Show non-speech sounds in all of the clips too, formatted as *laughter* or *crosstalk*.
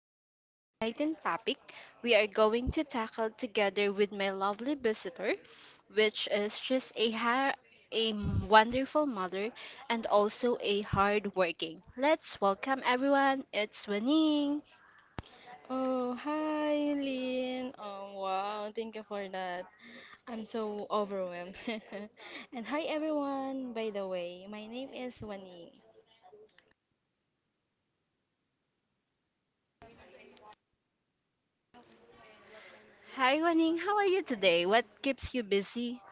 we have an exciting topic we are going to tackle together with my lovely visitor, which is just a wonderful mother and also a hard working. Let's welcome everyone. It's Waning. Oh, hi, Lynn. Wow, thank you for that. I'm so overwhelmed. *laughs* And hi, everyone. By the way, my name is Wani. Hi Waning, how are you today? What keeps you busy?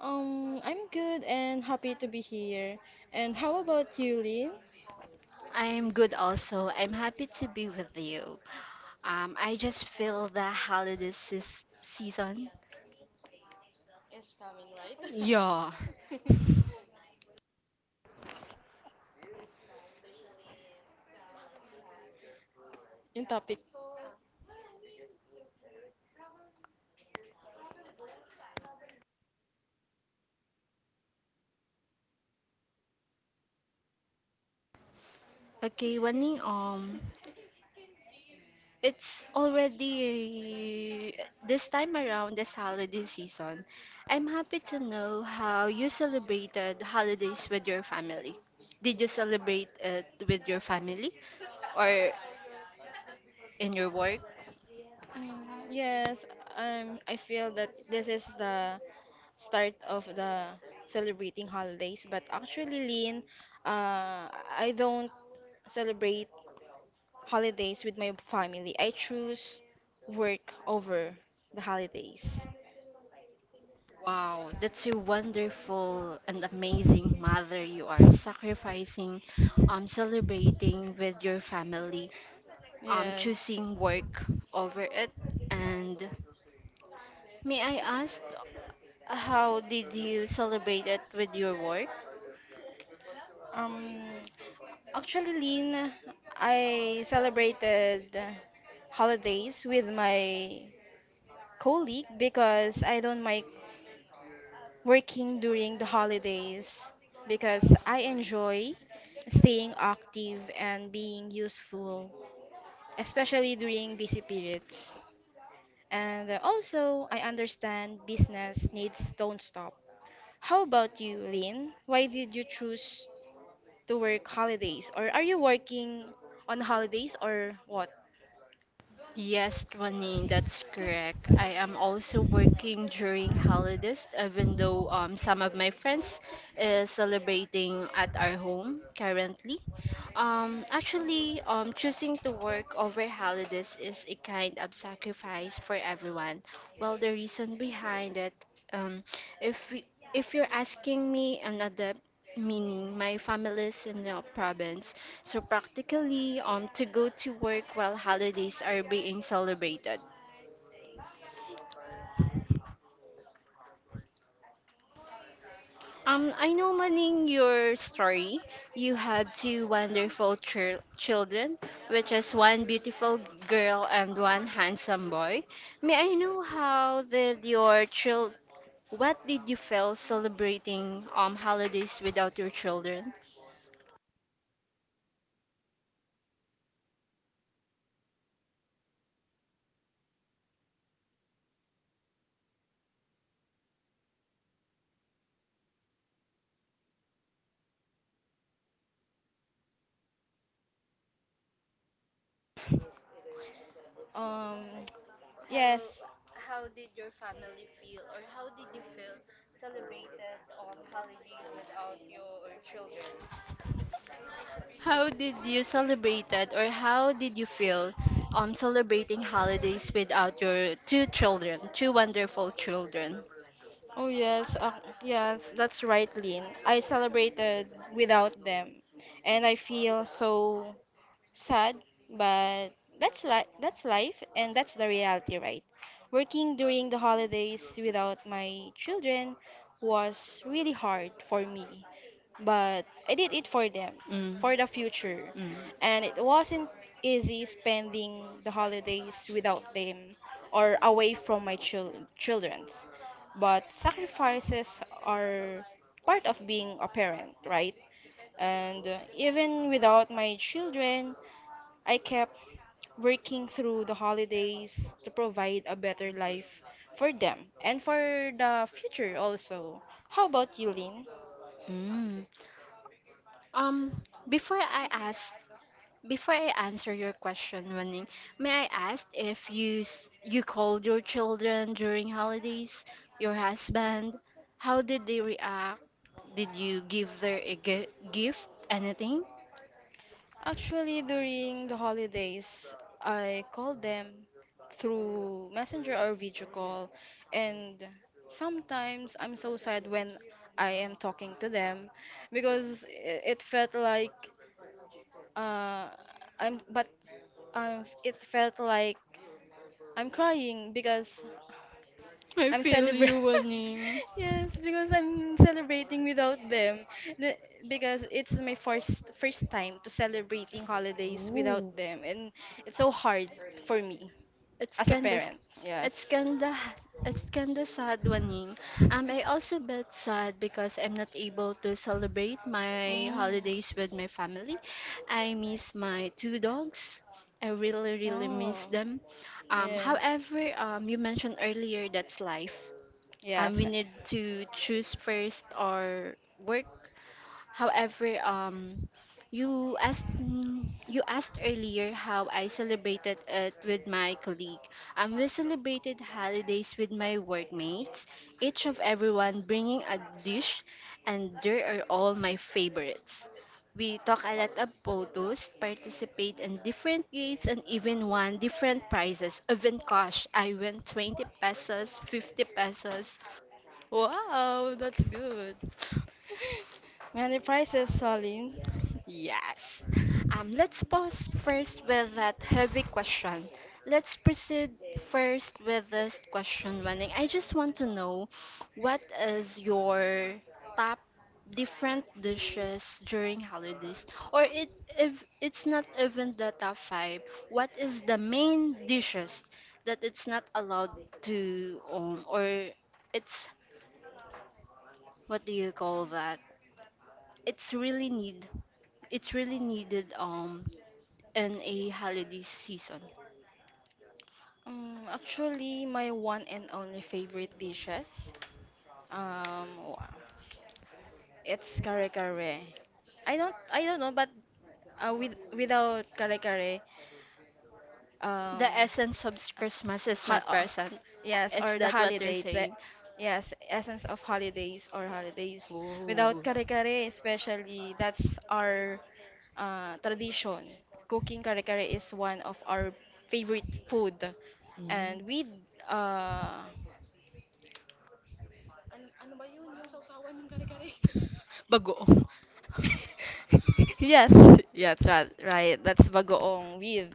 I'm good and happy to be here. And how about you, Lynn? I'm good also. I'm happy to be with you. I just feel the holiday season. *laughs* Yeah. In topic. Okay, Wani, it's already this time around this holiday season. I'm happy to know how you celebrated holidays with your family. Did you celebrate it with your family or in your work? Yes, I feel that this is the start of the celebrating holidays, but actually, Lynn, I don't celebrate holidays with my family. I choose work over the holidays. Wow, that's a wonderful and amazing mother you are, sacrificing, celebrating with your family, Yes. choosing work over it. And may I ask, how did you celebrate it with your work? Um, actually, Lynn, I celebrated holidays with my colleague because I don't like working during the holidays because I enjoy staying active and being useful, especially during busy periods. And also, I understand business needs don't stop. How about you, Lynn? Why did you choose to work holidays? Or are you working on holidays or what? Yes, Twaning, that's correct. I am also working during holidays, even though some of my friends is celebrating at our home currently. Choosing to work over holidays is a kind of sacrifice for everyone. Well, the reason behind it, um, if we, if you're asking me an adept, meaning my family is in the province. So practically, to go to work while holidays are being celebrated. I know Maning your story. You have two wonderful children, which is one beautiful girl and one handsome boy. May I know how did your child? What did you feel celebrating holidays without your children? Um, yes. How did you celebrate it, or how did you feel celebrating holidays without your two children, two wonderful children? Oh, yes. Yes, that's right, Lynn. I celebrated without them. And I feel so sad, but that's life and that's the reality, right? Working during the holidays without my children was really hard for me, but I did it for them, Mm. for the future. Mm. And it wasn't easy spending the holidays without them or away from my children's. But sacrifices are part of being a parent, right? And even without my children, I kept working through the holidays to provide a better life for them and for the future also. How about you, Lynn? Mm. Um, before I ask, before I answer your question, Waning, may I ask if you called your children during holidays, your husband, how did they react? Did you give their a gift, anything? Actually, during the holidays, I called them through messenger or video call, and sometimes I'm so sad when I am talking to them because it felt like uh, I'm but it felt like I'm crying because I I'm feel you, celebrating. Waning. *laughs* Yes, because I'm celebrating without them. The, because it's my first time to celebrating holidays without them, and it's so hard for me It's as a kinda, s- parent. Yes. it's kinda, h- it's kinda sad, Waning. I also bit sad because I'm not able to celebrate my Mm. holidays with my family. I miss my two dogs. I really, really Oh, miss them. Yes. You mentioned earlier that's life. Yes. We need to choose first our work. However, you asked you asked earlier how I celebrated it with my colleague. We celebrated holidays with my workmates, each of everyone bringing a dish, and there are all my favorites. We took a lot of photos, participate in different games, and even won different prizes. Even cash, I won 20 pesos, 50 pesos. Wow, that's good. Many prizes, Salin. Yes. Let's pause first with that heavy question. Let's proceed first with this question, Wenning. I just want to know what is your top different dishes during holidays? Or it, if it's not even the top five, what is the main dishes that it's not allowed to or it's, what do you call that? It's really need it's really needed in a holiday season. Actually, my one and only favorite dishes, um, wa- it's kare kare. I don't know, but with without kare kare, um, The essence of Christmas is ha- not uh, present. yes, Is or the that what you're holidays, saying? yes, essence of holidays or holidays. Without Oh. kare kare, especially, that's our tradition. Cooking kare kare is one of our favorite food, Mm. and we uh, Bagoong. *laughs* yes, yeah, that's right. That's bagoong with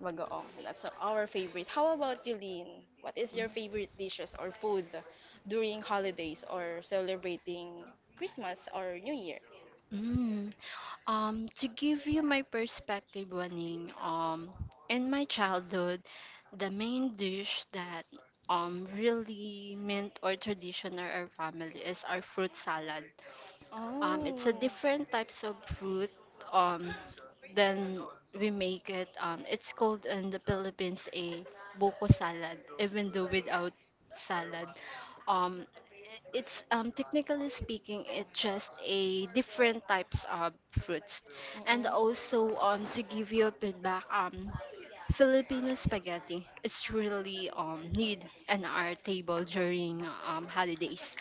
bagoong. That's our favorite. How about you, Lynn? What is your favorite dishes or food during holidays or celebrating Christmas or New Year? Mm. To give you my perspective, Waning, in my childhood, the main dish that really meant or tradition or our family is our fruit salad. It's a Oh. different types of fruit, um, than we make it. It's called in the Philippines a buko salad, even though without salad. Um, it's technically speaking, it's just a different types of fruits. And also to give you a feedback, Filipino spaghetti, it's really need in our Mm-mm. table during holidays.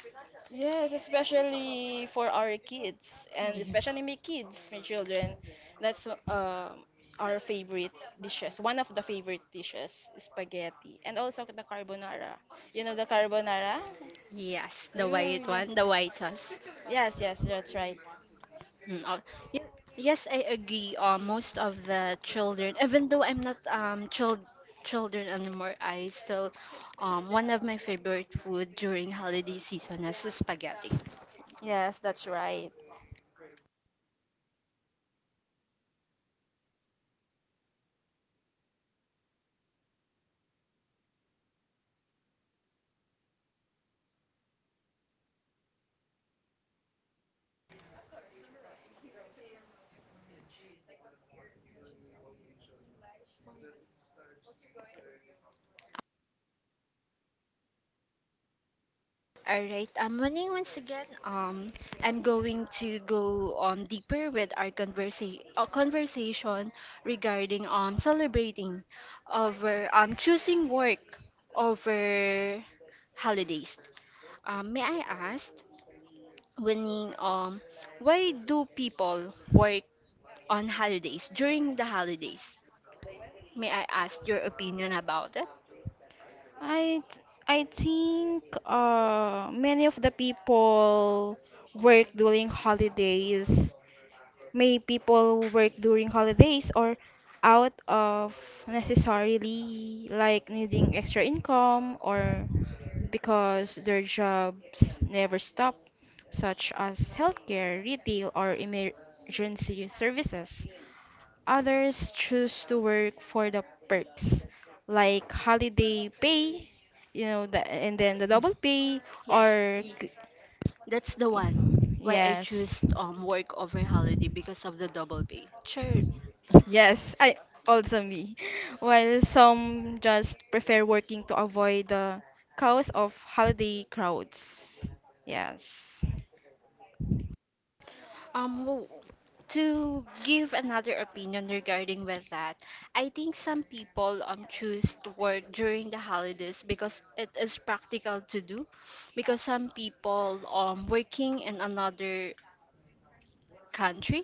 Yes, especially for our kids and Yeah. especially my kids, my children. That's our favorite dishes. One of the favorite dishes, spaghetti, and also the carbonara. You know the carbonara? Yes, the You, white yeah. one, the whitest. Yes, yes, that's right. Mm, oh, y- Yes, I agree. Most of the children, even though I'm not children anymore, I still, one of my favorite food during holiday season is spaghetti. Yes, that's right. All right, morning once again. I'm going to go deeper with our conversation regarding celebrating over choosing work over holidays. May I ask, Winning, why do people work on holidays during the holidays? May I ask your opinion about it? I think many of the people work during holidays. May people work during holidays or out of necessarily like needing extra income or because their jobs never stop, such as healthcare, retail, or emergency services. Others choose to work for the perks, like holiday pay, you know, and then the double pay Yes, or y- c- That's the one. Why I Yes. choose work over holiday because of the double pay. Sure. Yes, I also me. While some just prefer working to avoid the chaos of holiday crowds. Yes. Um, w- to give another opinion regarding with that, I think some people choose to work during the holidays because it is practical to do. Because some people working in another country.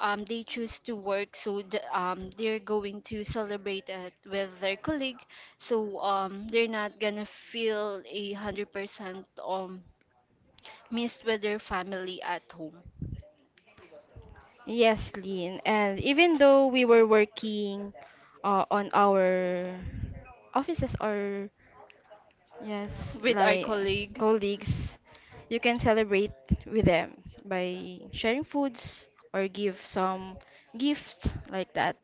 They choose to work, so they're going to celebrate it with their colleague. So they're not gonna feel 100% missed with their family at home. Yes, Lynn. And even though we were working on our offices or yes, With our like colleague, colleagues, you can celebrate with them by sharing foods or give some gifts like that.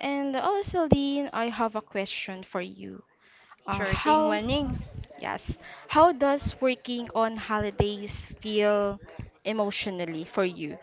And also, Dean, I have a question for you. Uh, sure thing, how, winning. yes, how does working on holidays feel emotionally for you?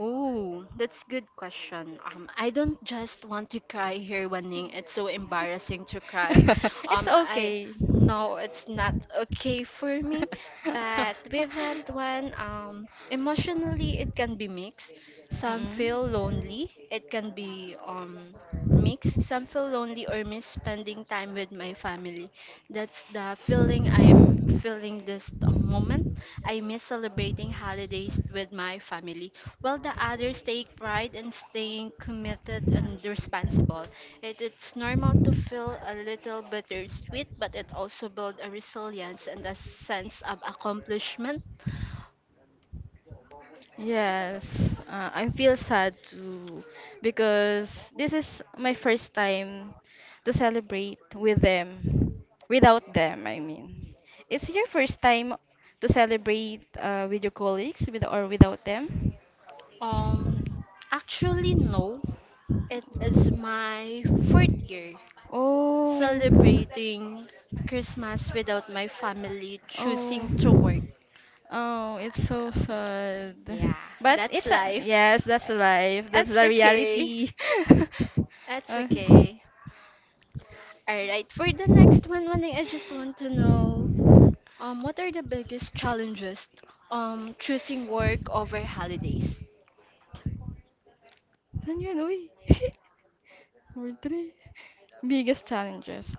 Oh, that's good question. I don't just want to cry here, Waning. It's so embarrassing to cry. *laughs* It's I okay. no, it's not okay for me. But with that one, emotionally it can *laughs* be mixed. Some feel lonely. It can be mixed. Some feel lonely or miss spending time with my family. That's the feeling I'm feeling this moment. I miss celebrating holidays with my family, while the others take pride in staying committed and responsible. It's normal to feel a little bittersweet, but it also builds a resilience and a sense of accomplishment. Yes, I feel sad too because this is my first time to celebrate with them, without them, I mean. It's your first time to celebrate with your colleagues with or without them? Um, actually, no. It is my fourth year Oh. celebrating Christmas without my family Oh. choosing to work. Oh, it's so sad. Yeah, But that's it's a life. yes, that's life. That's That's the okay. reality. *laughs* *laughs* That's Uh, okay. Alright, for the next one, Manning, I just want to know what are the biggest challenges choosing work over holidays? then you know, *laughs* we three. Biggest challenges.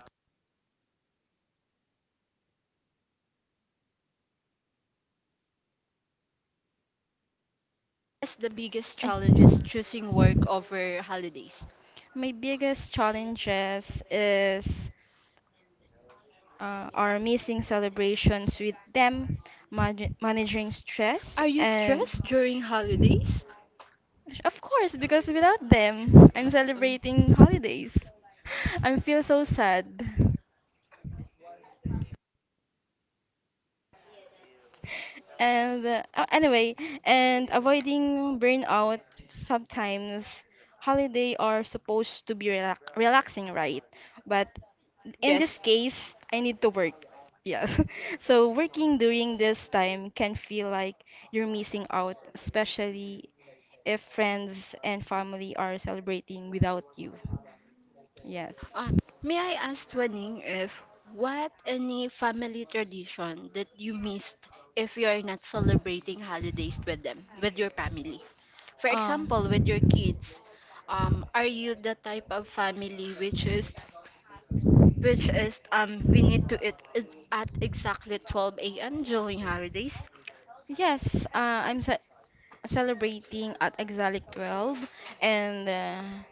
What's the biggest I, challenges choosing work over holidays? my biggest challenges is are missing celebrations with them, managing stress, Are you and stressed during holidays? of course, because without them, I'm celebrating holidays. *laughs* I feel so sad. Anyway, and avoiding burnout sometimes holiday are supposed to be relaxing, right? But in this Yes. case, I need to work. Yes. *laughs* So working during this time can feel like you're missing out, especially if friends and family are celebrating without you. Yes. Uh, may I ask Twining if what any family tradition that you missed if you are not celebrating holidays with them, with your family? For Um, example, with your kids, are you the type of family which is we need to eat it at exactly 12 a.m. during holidays? yes, celebrating at Exalic 12 and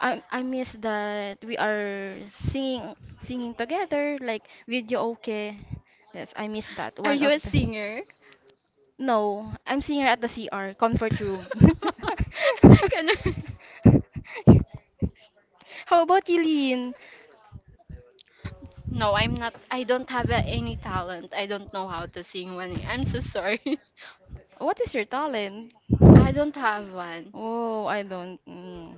I miss that we are singing together like video okay. Yes, I miss that Are one you of a the singer? no, I'm singer at the CR, comfort room. *laughs* *laughs* Ganun. How about you, Lynn? No, I'm not. I don't have a, any talent. I don't know how to sing. When I'm so sorry. What is your talent? I don't have one. Oh, I don't.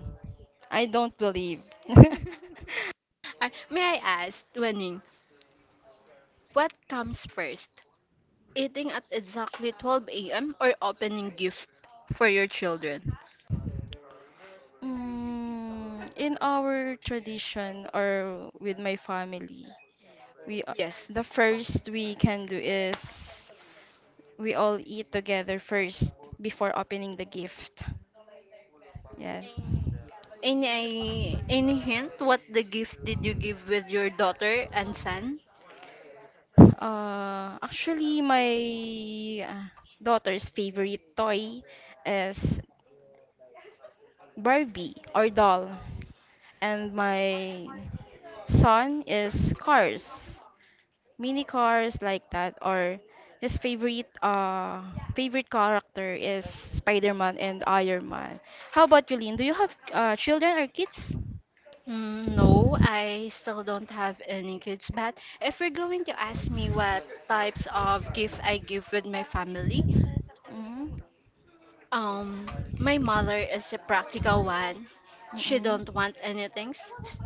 I don't believe. *laughs* May I ask, Wenning, what comes first? Eating at exactly 12 a.m. or opening gift for your children? Mm, in our tradition or with my family, we a- Yes. the first we can do is we all eat together first before opening the gift. Yes. Any hint what the gift did you give with your daughter and son? Actually, my daughter's favorite toy is Barbie or doll, and my son is cars. Mini cars like that or his favorite character is Spider-Man and Iron Man. How about you, Lynn? Do you have children or kids? Mm, no, I still don't have any kids. But if you're going to ask me what types of gift I give with my family, Mm-hmm. Um, my mother is a practical one. She don't want anything.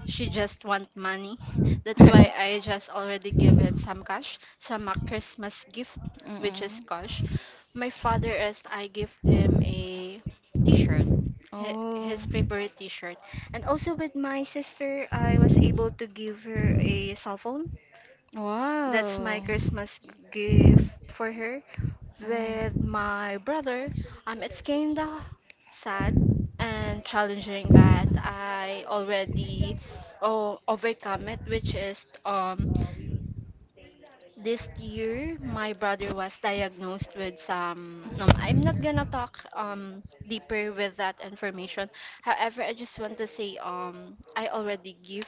She just want money. That's why I just *laughs* already give him some cash, some a Christmas gift, *laughs* which is Mm-mm. cash. My father is I give him a T-shirt, Oh. his favorite T-shirt. And also with my sister, I was able to give her a cell phone. That's my That's my wow. Christmas gift for her. With Mm. my brother, it's kinda sad and challenging, but I already, oh, overcome it, which is this year my brother was diagnosed with some. I'm not gonna talk deeper with that information. However, I just want to say I already give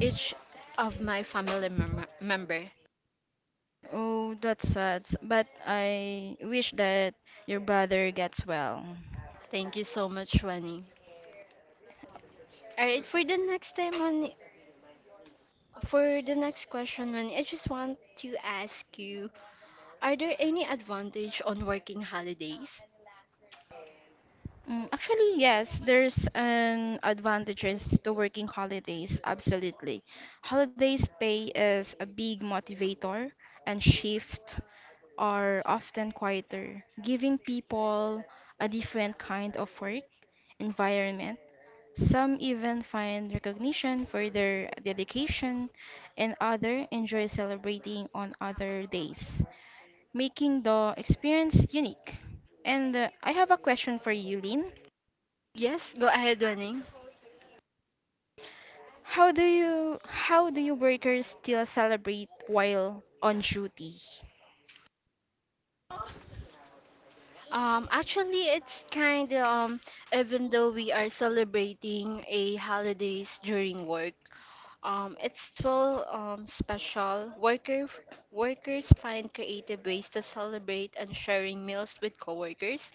each of my family member. Oh, that's sad, but I wish that your brother gets well. Thank you so much, Wani. All right, for the next time on, for the next question, man, I just want to ask you, are there any advantage on working holidays? Actually, yes, there's an advantages to working holidays, absolutely. Holidays pay is a big motivator and shift are often quieter, giving people a different kind of work environment. Some even find recognition for their dedication, and other enjoy celebrating on other days, making the experience unique. And I have a question for you, Lynn. Yes, go ahead, Wenning. How do you workers still celebrate while on duty? Actually, it's kind of even though we are celebrating a holidays during work. It's still special. Workers find creative ways to celebrate and sharing meals with coworkers.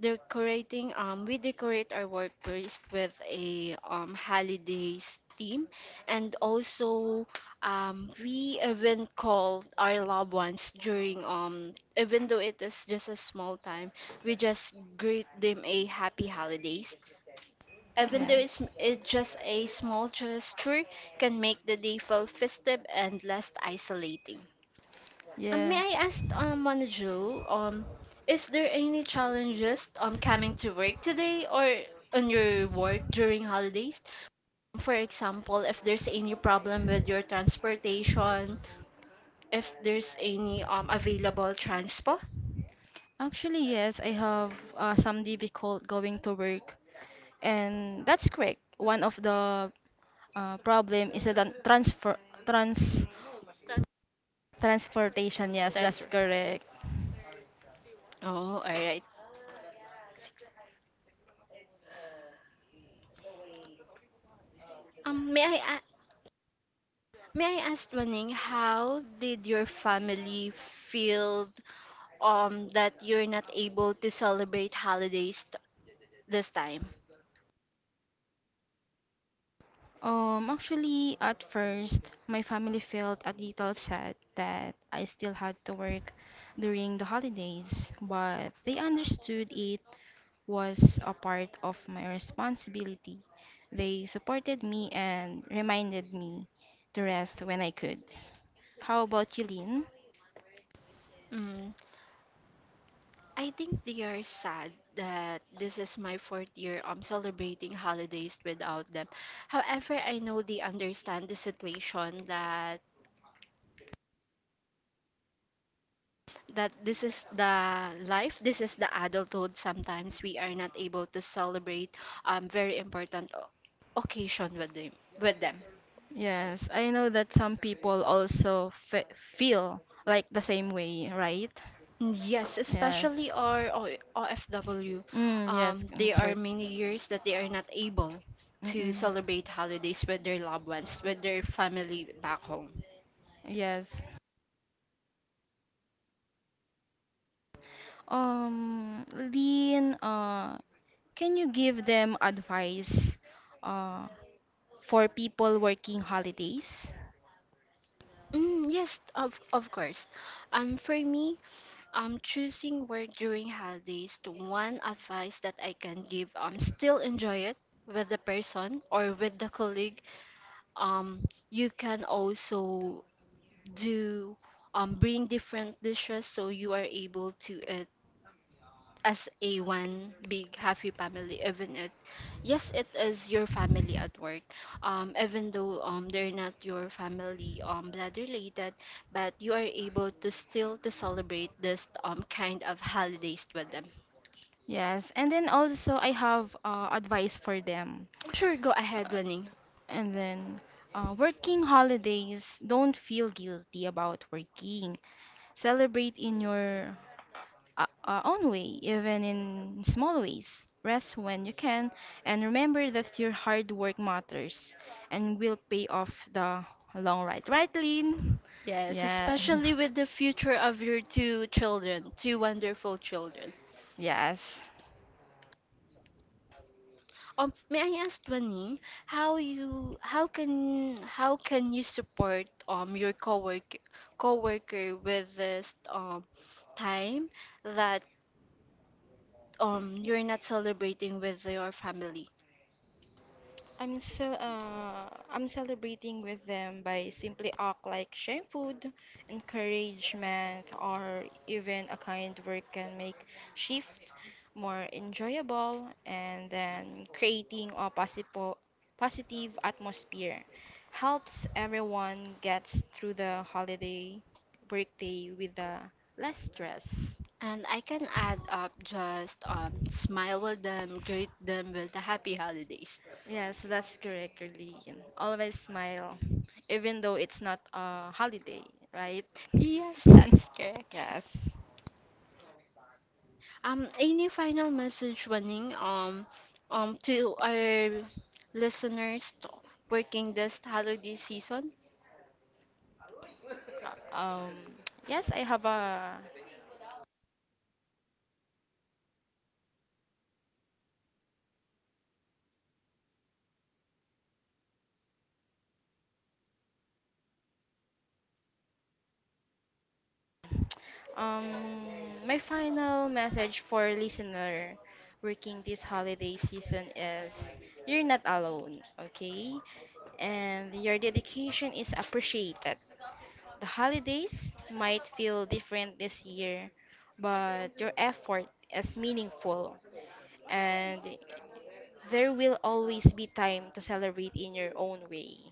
Decorating, we decorate our workplace with a holidays theme, and also we even call our loved ones during, even though it is just a small time, we just greet them a happy holidays. Even though Yeah. it's just a small gesture, can make the day feel festive and less isolating. May Yes. I ask, Mona Jo, is there any challenges coming to work today or on your work during holidays? For example, if there's any problem with your transportation, if there's any available transport, Actually, yes, I have some difficult going to work, and that's correct. One of the problem is the tran- transfer trans transportation. Yes, that's transfer. correct. Oh, all right. Um, may I may I ask, Waning, how did your family feel that you're not able to celebrate holidays this time? Actually, at first, my family felt a little sad that I still had to work during the holidays, but they understood it was a part of my responsibility. They supported me and reminded me to rest when I could. How about you, Lynn? Mm, I think they are sad that this is my fourth year celebrating holidays without them. However, I know they understand the situation that this is the life, this is the adulthood. Sometimes we are not able to celebrate very important occasion with them. Yes, I know that some people also fe feel like the same way, right? Yes, especially Yes. our OFW. Mm, yes, They that's are right. many years that they are not able to Mm-mm. celebrate holidays with their loved ones, with their family back home. Yes. Lynn, can you give them advice uh, for people working holidays? Mm, yes, of course. For me, choosing work during holidays, the one advice that I can give, still enjoy it with the person or with the colleague. You can also do, bring different dishes so you are able to, as a one big happy family, even it, yes, it is your family at work, even though they're not your family, blood related, but you are able to still to celebrate this kind of holidays with them. Yes. And then also, I have advice for them. Sure, go ahead, winning. And then, working holidays, don't feel guilty about working. Celebrate in your own way, even in small ways. Rest when you can, and remember that your hard work matters and will pay off the long ride. Right, Lynn? Yes, Yeah. especially with the future of your two children, two wonderful children. *laughs* Yes. May I ask Janine, how can you support your coworker with this time that you're not celebrating with your family? I'm celebrating with them by simply act like sharing food, encouragement, or even a kind word can make shift more enjoyable and then creating a possible positive atmosphere helps everyone gets through the holiday birthday with less stress. And I can add up just smile with them, greet them with the happy holidays. Yes, that's correct, Lillian. Always smile, even though it's not a holiday, right? Yes, *laughs* that's correct. Yes. Any final message, Waning, to our listeners working this holiday season? Um, yes, I have a um my final message for listener working this holiday season is you're not alone, okay? And your dedication is appreciated. The holidays might feel different this year, but your effort is meaningful and there will always be time to celebrate in your own way.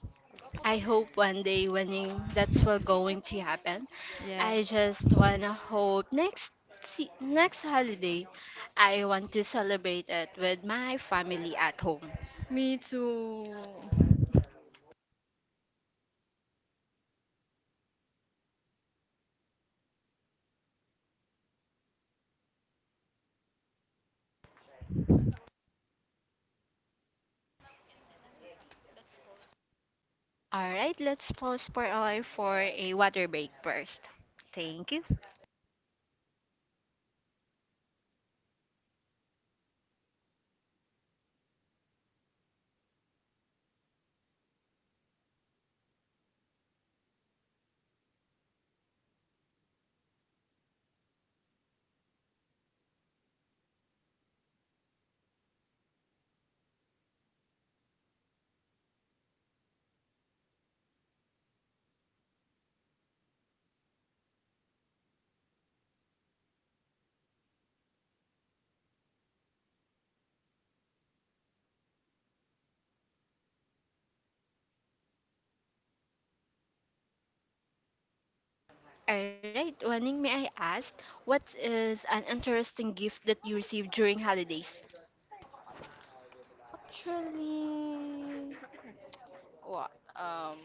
I hope one day winning that's what going to happen. Yeah. I just wanna hope next holiday I want to celebrate it with my family at home. Me too. All right, let's pause for a water break first. Thank you. All right, Waning, may I ask what is an interesting gift that you received during holidays? Actually, what?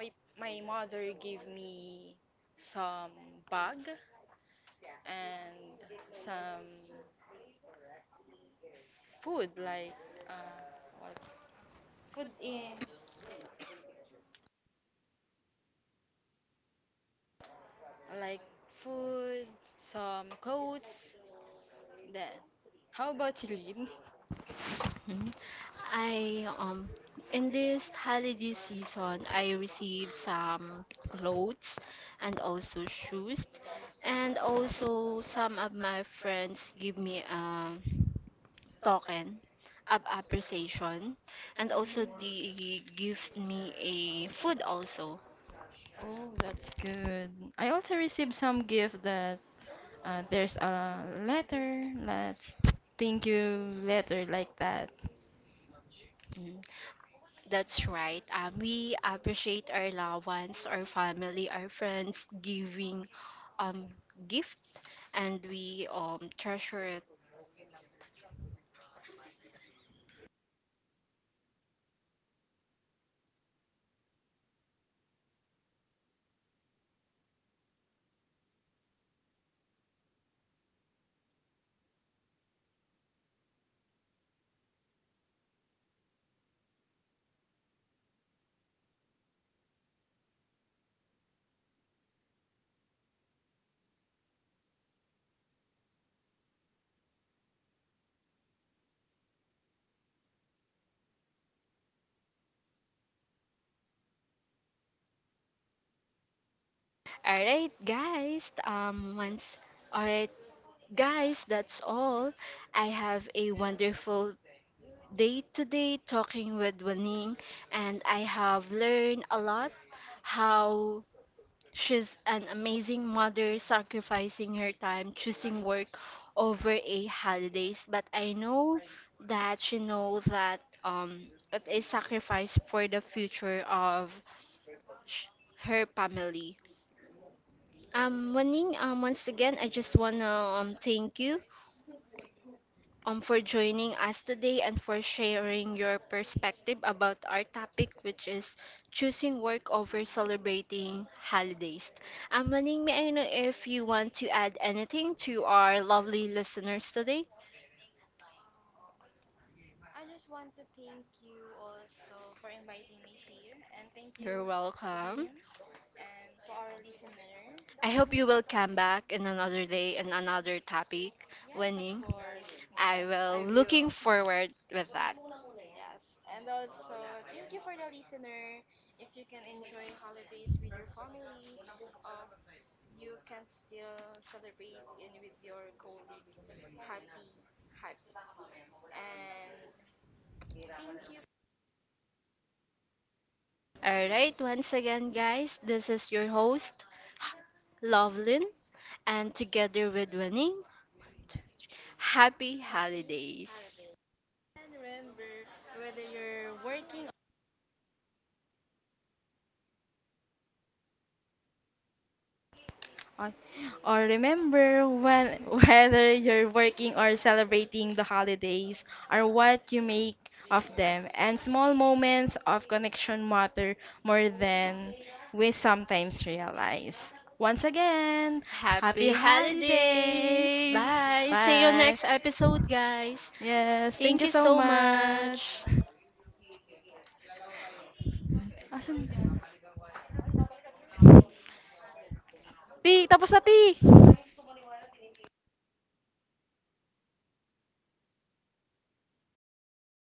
my my mother gave me some bag and some food like uh, what food in like food, some clothes. Then, how about you, Lynn? Mhm. I in this holiday season I received some clothes and also shoes, and also some of my friends give me a token of appreciation, and Oh, also they give me a food also. oh, that's good. I also received some gift that uh, there's a letter. Let's thank you letter like that. Mm. That's right. We appreciate our loved ones, our family, our friends giving um gift and we treasure it. All right, guys. Once All right, guys, that's all. I have a wonderful day today talking with Waning, and I have learned a lot how. She's an amazing mother, sacrificing her time, choosing work over a holidays. But I know that she knows that it is sacrifice for the future of sh- her family. Waning, once again, I just wanna thank you for joining us today and for sharing your perspective about our topic, which is choosing work over celebrating holidays. Maning, may I know if you want to add anything to our lovely listeners today? You're welcome. I hope you will come back in another day and another topic. Yes, Winning. I will looking will forward with that. Alright, once again, guys, this is your host, Lovelin, and together with Winning, happy holidays. Or, or remember when *laughs* whether you're working or celebrating the holidays or what you make of them. And small moments of connection matter more than we sometimes realize. Once again, happy Happy holidays. holidays. Bye. See you Bye. next episode, guys. Yes, thank Thank you you so so much. much. Awesome. Ti, tapos na, Ti!